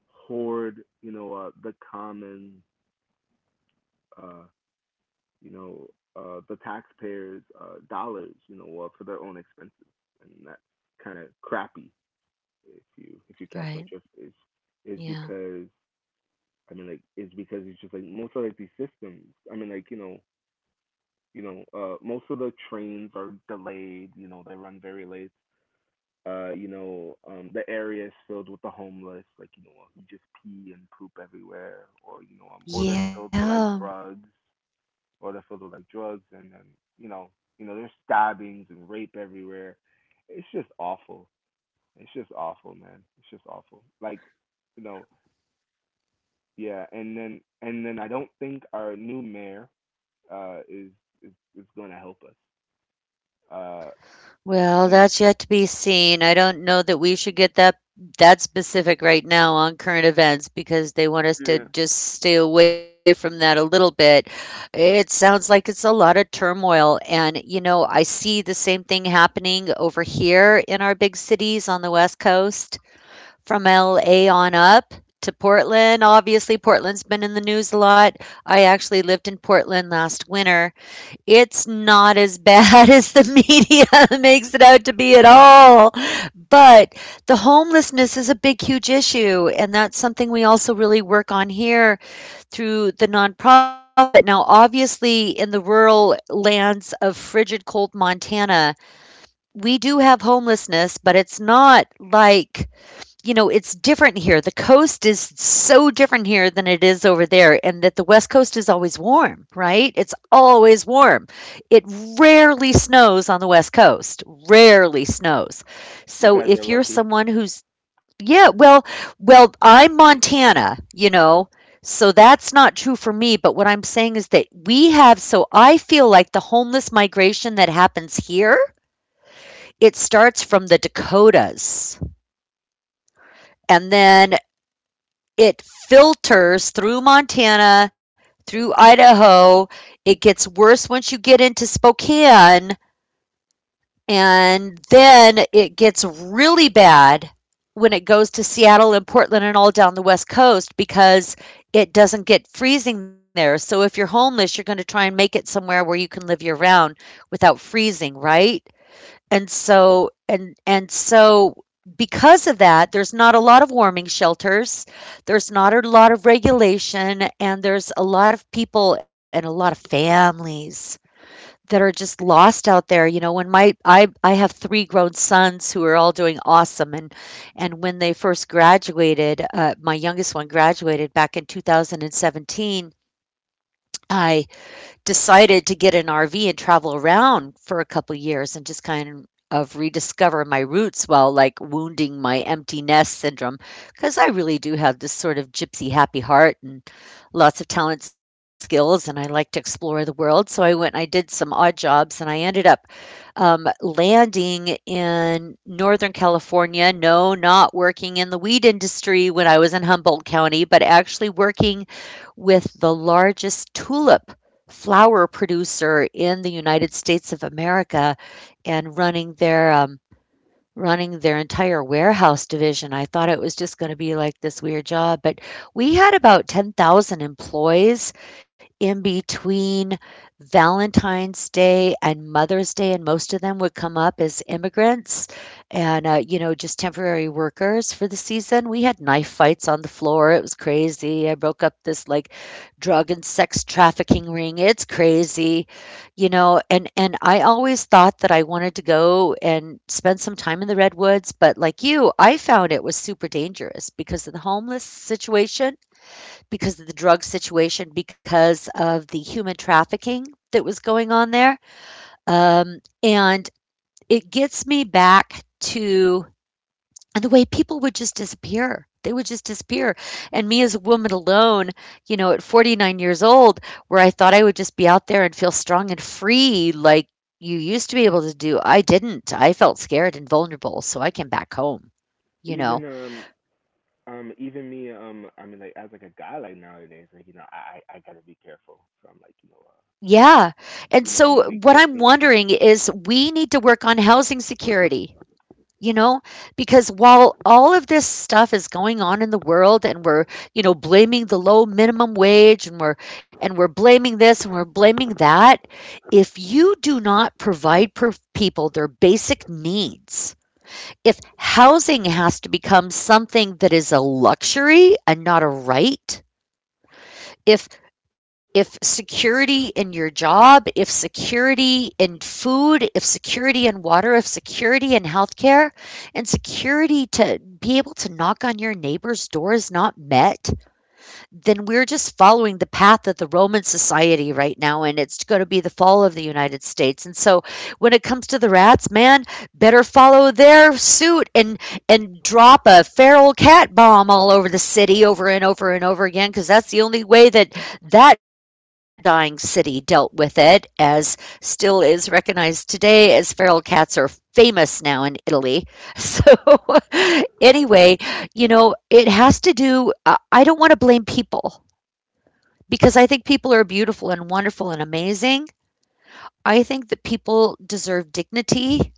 hoard, you know, the common uh you know, the taxpayers' dollars, you know, for their own expenses, and that's kind of crappy, if you, catch my drift. Right. Is Yeah. because, it's because it's just like most of like these systems, I mean, like, you know, most of the trains are delayed. You know, they run very late. Uh, you know, the area is filled with the homeless, like, you know, who just pee and poop everywhere, or, you know, or they're filled with like Yeah. drugs, and then, you know, there's stabbings and rape everywhere. It's just awful. It's just awful, man. It's just awful. Like, you know, yeah. And then, I don't think our new mayor is, is going to help us. Uh, Well, and that's yet to be seen. I don't know that we should get that specific right now on current events because they want us to yeah. just stay away from that a little bit. It sounds like it's a lot of turmoil, and you know, I see the same thing happening over here in our big cities on the West Coast, from LA on up. To Portland. Obviously, Portland's been in the news a lot. I actually lived in Portland last winter. It's not as bad (laughs) as the media (laughs) makes it out to be at all. But the homelessness is a big, huge issue. And that's something we also really work on here through the nonprofit. Now, obviously, in the rural lands of frigid, cold Montana, we do have homelessness, but it's not like you know, it's different here. The coast is so different here than it is over there, and that the West Coast is always warm, right? It's always warm. It rarely snows on the West Coast, rarely snows. You So guys are if you're lucky. someone who's, yeah, well, I'm Montana, you know, so that's not true for me. But what I'm saying is that we have, so I feel like the homeless migration that happens here, it starts from the Dakotas and then it filters through Montana, through Idaho. It gets worse once you get into Spokane, and then it gets really bad when it goes to Seattle and Portland and all down the West Coast because it doesn't get freezing there. So if you're homeless, you're going to try and make it somewhere where you can live year round without freezing, right? And so because of that, there's not a lot of warming shelters. There's not a lot of regulation, and there's a lot of people and a lot of families that are just lost out there. You know, when my I have 3 grown sons who are all doing awesome, and when they first graduated, my youngest one graduated back in 2017. I decided to get an RV and travel around for a couple years and just kind of rediscover my roots while like wounding my empty nest syndrome because I really do have this sort of gypsy happy heart and lots of talents and skills and I like to explore the world. So I went and I did some odd jobs and I ended up landing in Northern California. No, not working in the weed industry when I was in Humboldt County, but actually working with the largest tulip flower producer in the United States of America and running their running their entire warehouse division. I thought it was just going to be like this weird job, but we had about 10,000 employees in between Valentine's Day and Mother's Day, and most of them would come up as immigrants and, you know, just temporary workers for the season. We had knife fights on the floor. It was crazy. I broke up this like drug and sex trafficking ring. It's crazy. You know, and I always thought that I wanted to go and spend some time in the redwoods, but like you, I found it was super dangerous because of the homeless situation, because of the drug situation, because of the human trafficking that was going on there. And it gets me back to and the way people would just disappear, they would just disappear. And me as a woman alone, you know, at 49 years old, where I thought I would just be out there and feel strong and free like you used to be able to do. I didn't, I felt scared and vulnerable, so I came back home, you Even know. um Even me, I mean, like, as like a guy like nowadays, like, you know, I gotta be careful. So I'm like, you know, Yeah. And I mean, so like, what I'm in like these, wondering is we need to work on housing security. You know, because while all of this stuff is going on in the world, and we're, you know, blaming the low minimum wage, and we're blaming this and we're blaming that, if you do not provide per people their basic needs, if housing has to become something that is a luxury and not a right, if if security in your job, if security in food, if security in water, if security in healthcare, and security to be able to knock on your neighbor's door is not met, then we're just following the path of the Roman society right now, and it's going to be the fall of the United States. And so, when it comes to the rats, man, better follow their suit and drop a feral cat bomb all over the city over and over and over again, because that's the only way that dying city dealt with it, as still is recognized today, as feral cats are famous now in Italy. So, (laughs) anyway, you know, it has to do. I don't wanna blame people because I think people are beautiful and wonderful and amazing. I think that people deserve dignity,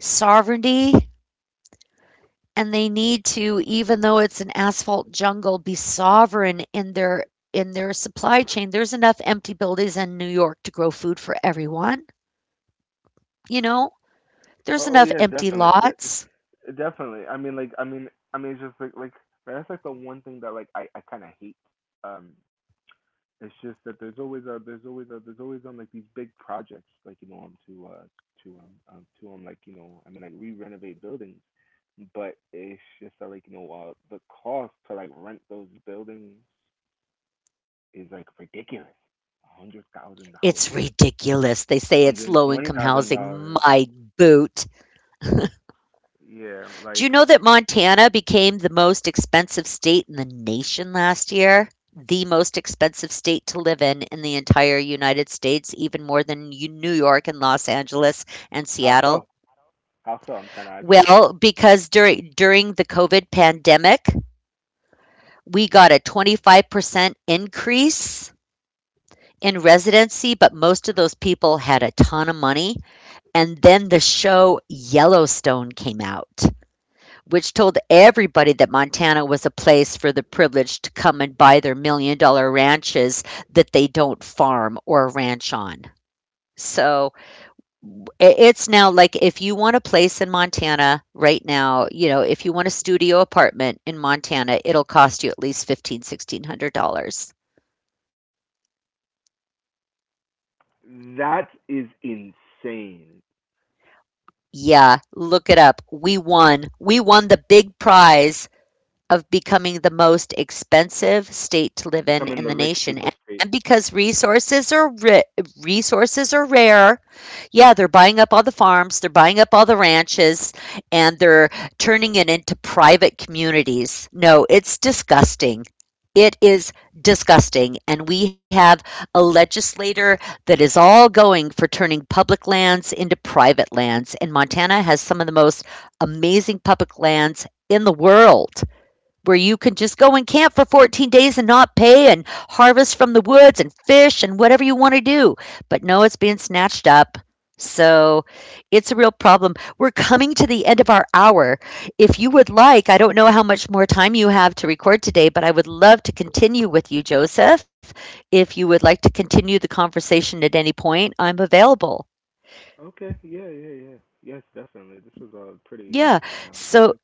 sovereignty, and they need to, even though it's an asphalt jungle, be sovereign in their supply chain. There's enough empty buildings in New York to grow food for everyone, you know? There's oh, oh enough yes, empty definitely, lots. Definitely. I mean, like, it's just like that's like the one thing that, like, I kind of hate. um It's just that there's always a, there's always, like these big projects, like, you know, to um, to like, you know, I mean, like we renovate buildings, but it's just that, like, you know, the cost to like rent those buildings is like ridiculous, a hundred thousand It's dollars, ridiculous. They a say hundred it's and low twenty income thousand housing. dollars. My boot. Yeah, Do you like, know that Montana became the most expensive state in the nation last year? The most expensive state to live in the entire United States, even more than New York and Los Angeles and how so? Seattle. I'm kind of actually curious. Well, because during the COVID pandemic, we got a 25% increase in residency, but most of those people had a ton of money. And then the show Yellowstone came out, which told everybody that Montana was a place for the privileged to come and buy their $1 million ranches that they don't farm or ranch on. So it's now like, if you want a place in Montana right now, you know, if you want a studio apartment in Montana, it'll cost you at least $1,500, $1,600. That is insane. Yeah, look it up. We won. We won the big prize of becoming the most expensive state to live Becoming the in the rich people's nation. And state. because resources are rare. Yeah, they're buying up all the farms, they're buying up all the ranches, and they're turning it into private communities. No, it's disgusting. It is disgusting. And we have a legislator that is all going for turning public lands into private lands, and Montana has some of the most amazing public lands in the world, where you can just go and camp for 14 days and not pay and harvest from the woods and fish and whatever you want to do. But no, it's being snatched up. So it's a real problem. We're coming to the end of our hour. If you would like, I don't know how much more time you have to record today, but I would love to continue with you, Joseph. If you would like to continue the conversation at any point, I'm available. Okay. Yeah, yeah, yeah. Yes, definitely. This was a pretty Yeah. interesting So conversation.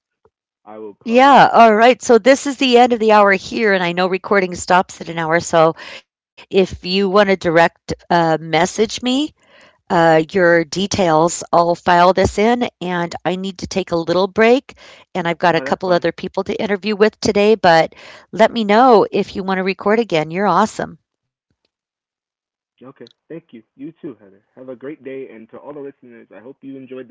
I will probably. yeah, all right. So this is the end of the hour here, and I know recording stops at an hour. So if you want to direct, message me your details, I'll file this in. And I need to take a little break, and I've got a No, that's couple fine. other people to interview with today. But let me know if you want to record again. You're awesome. Okay. Thank you. You too, Heather. Have a great day. And to all the listeners, I hope you enjoyed this conversation.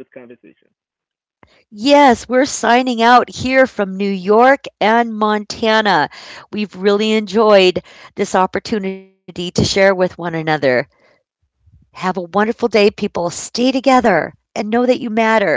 Yes, we're signing out here from New York and Montana. We've really enjoyed this opportunity to share with one another. Have a wonderful day, people. Stay together and know that you matter.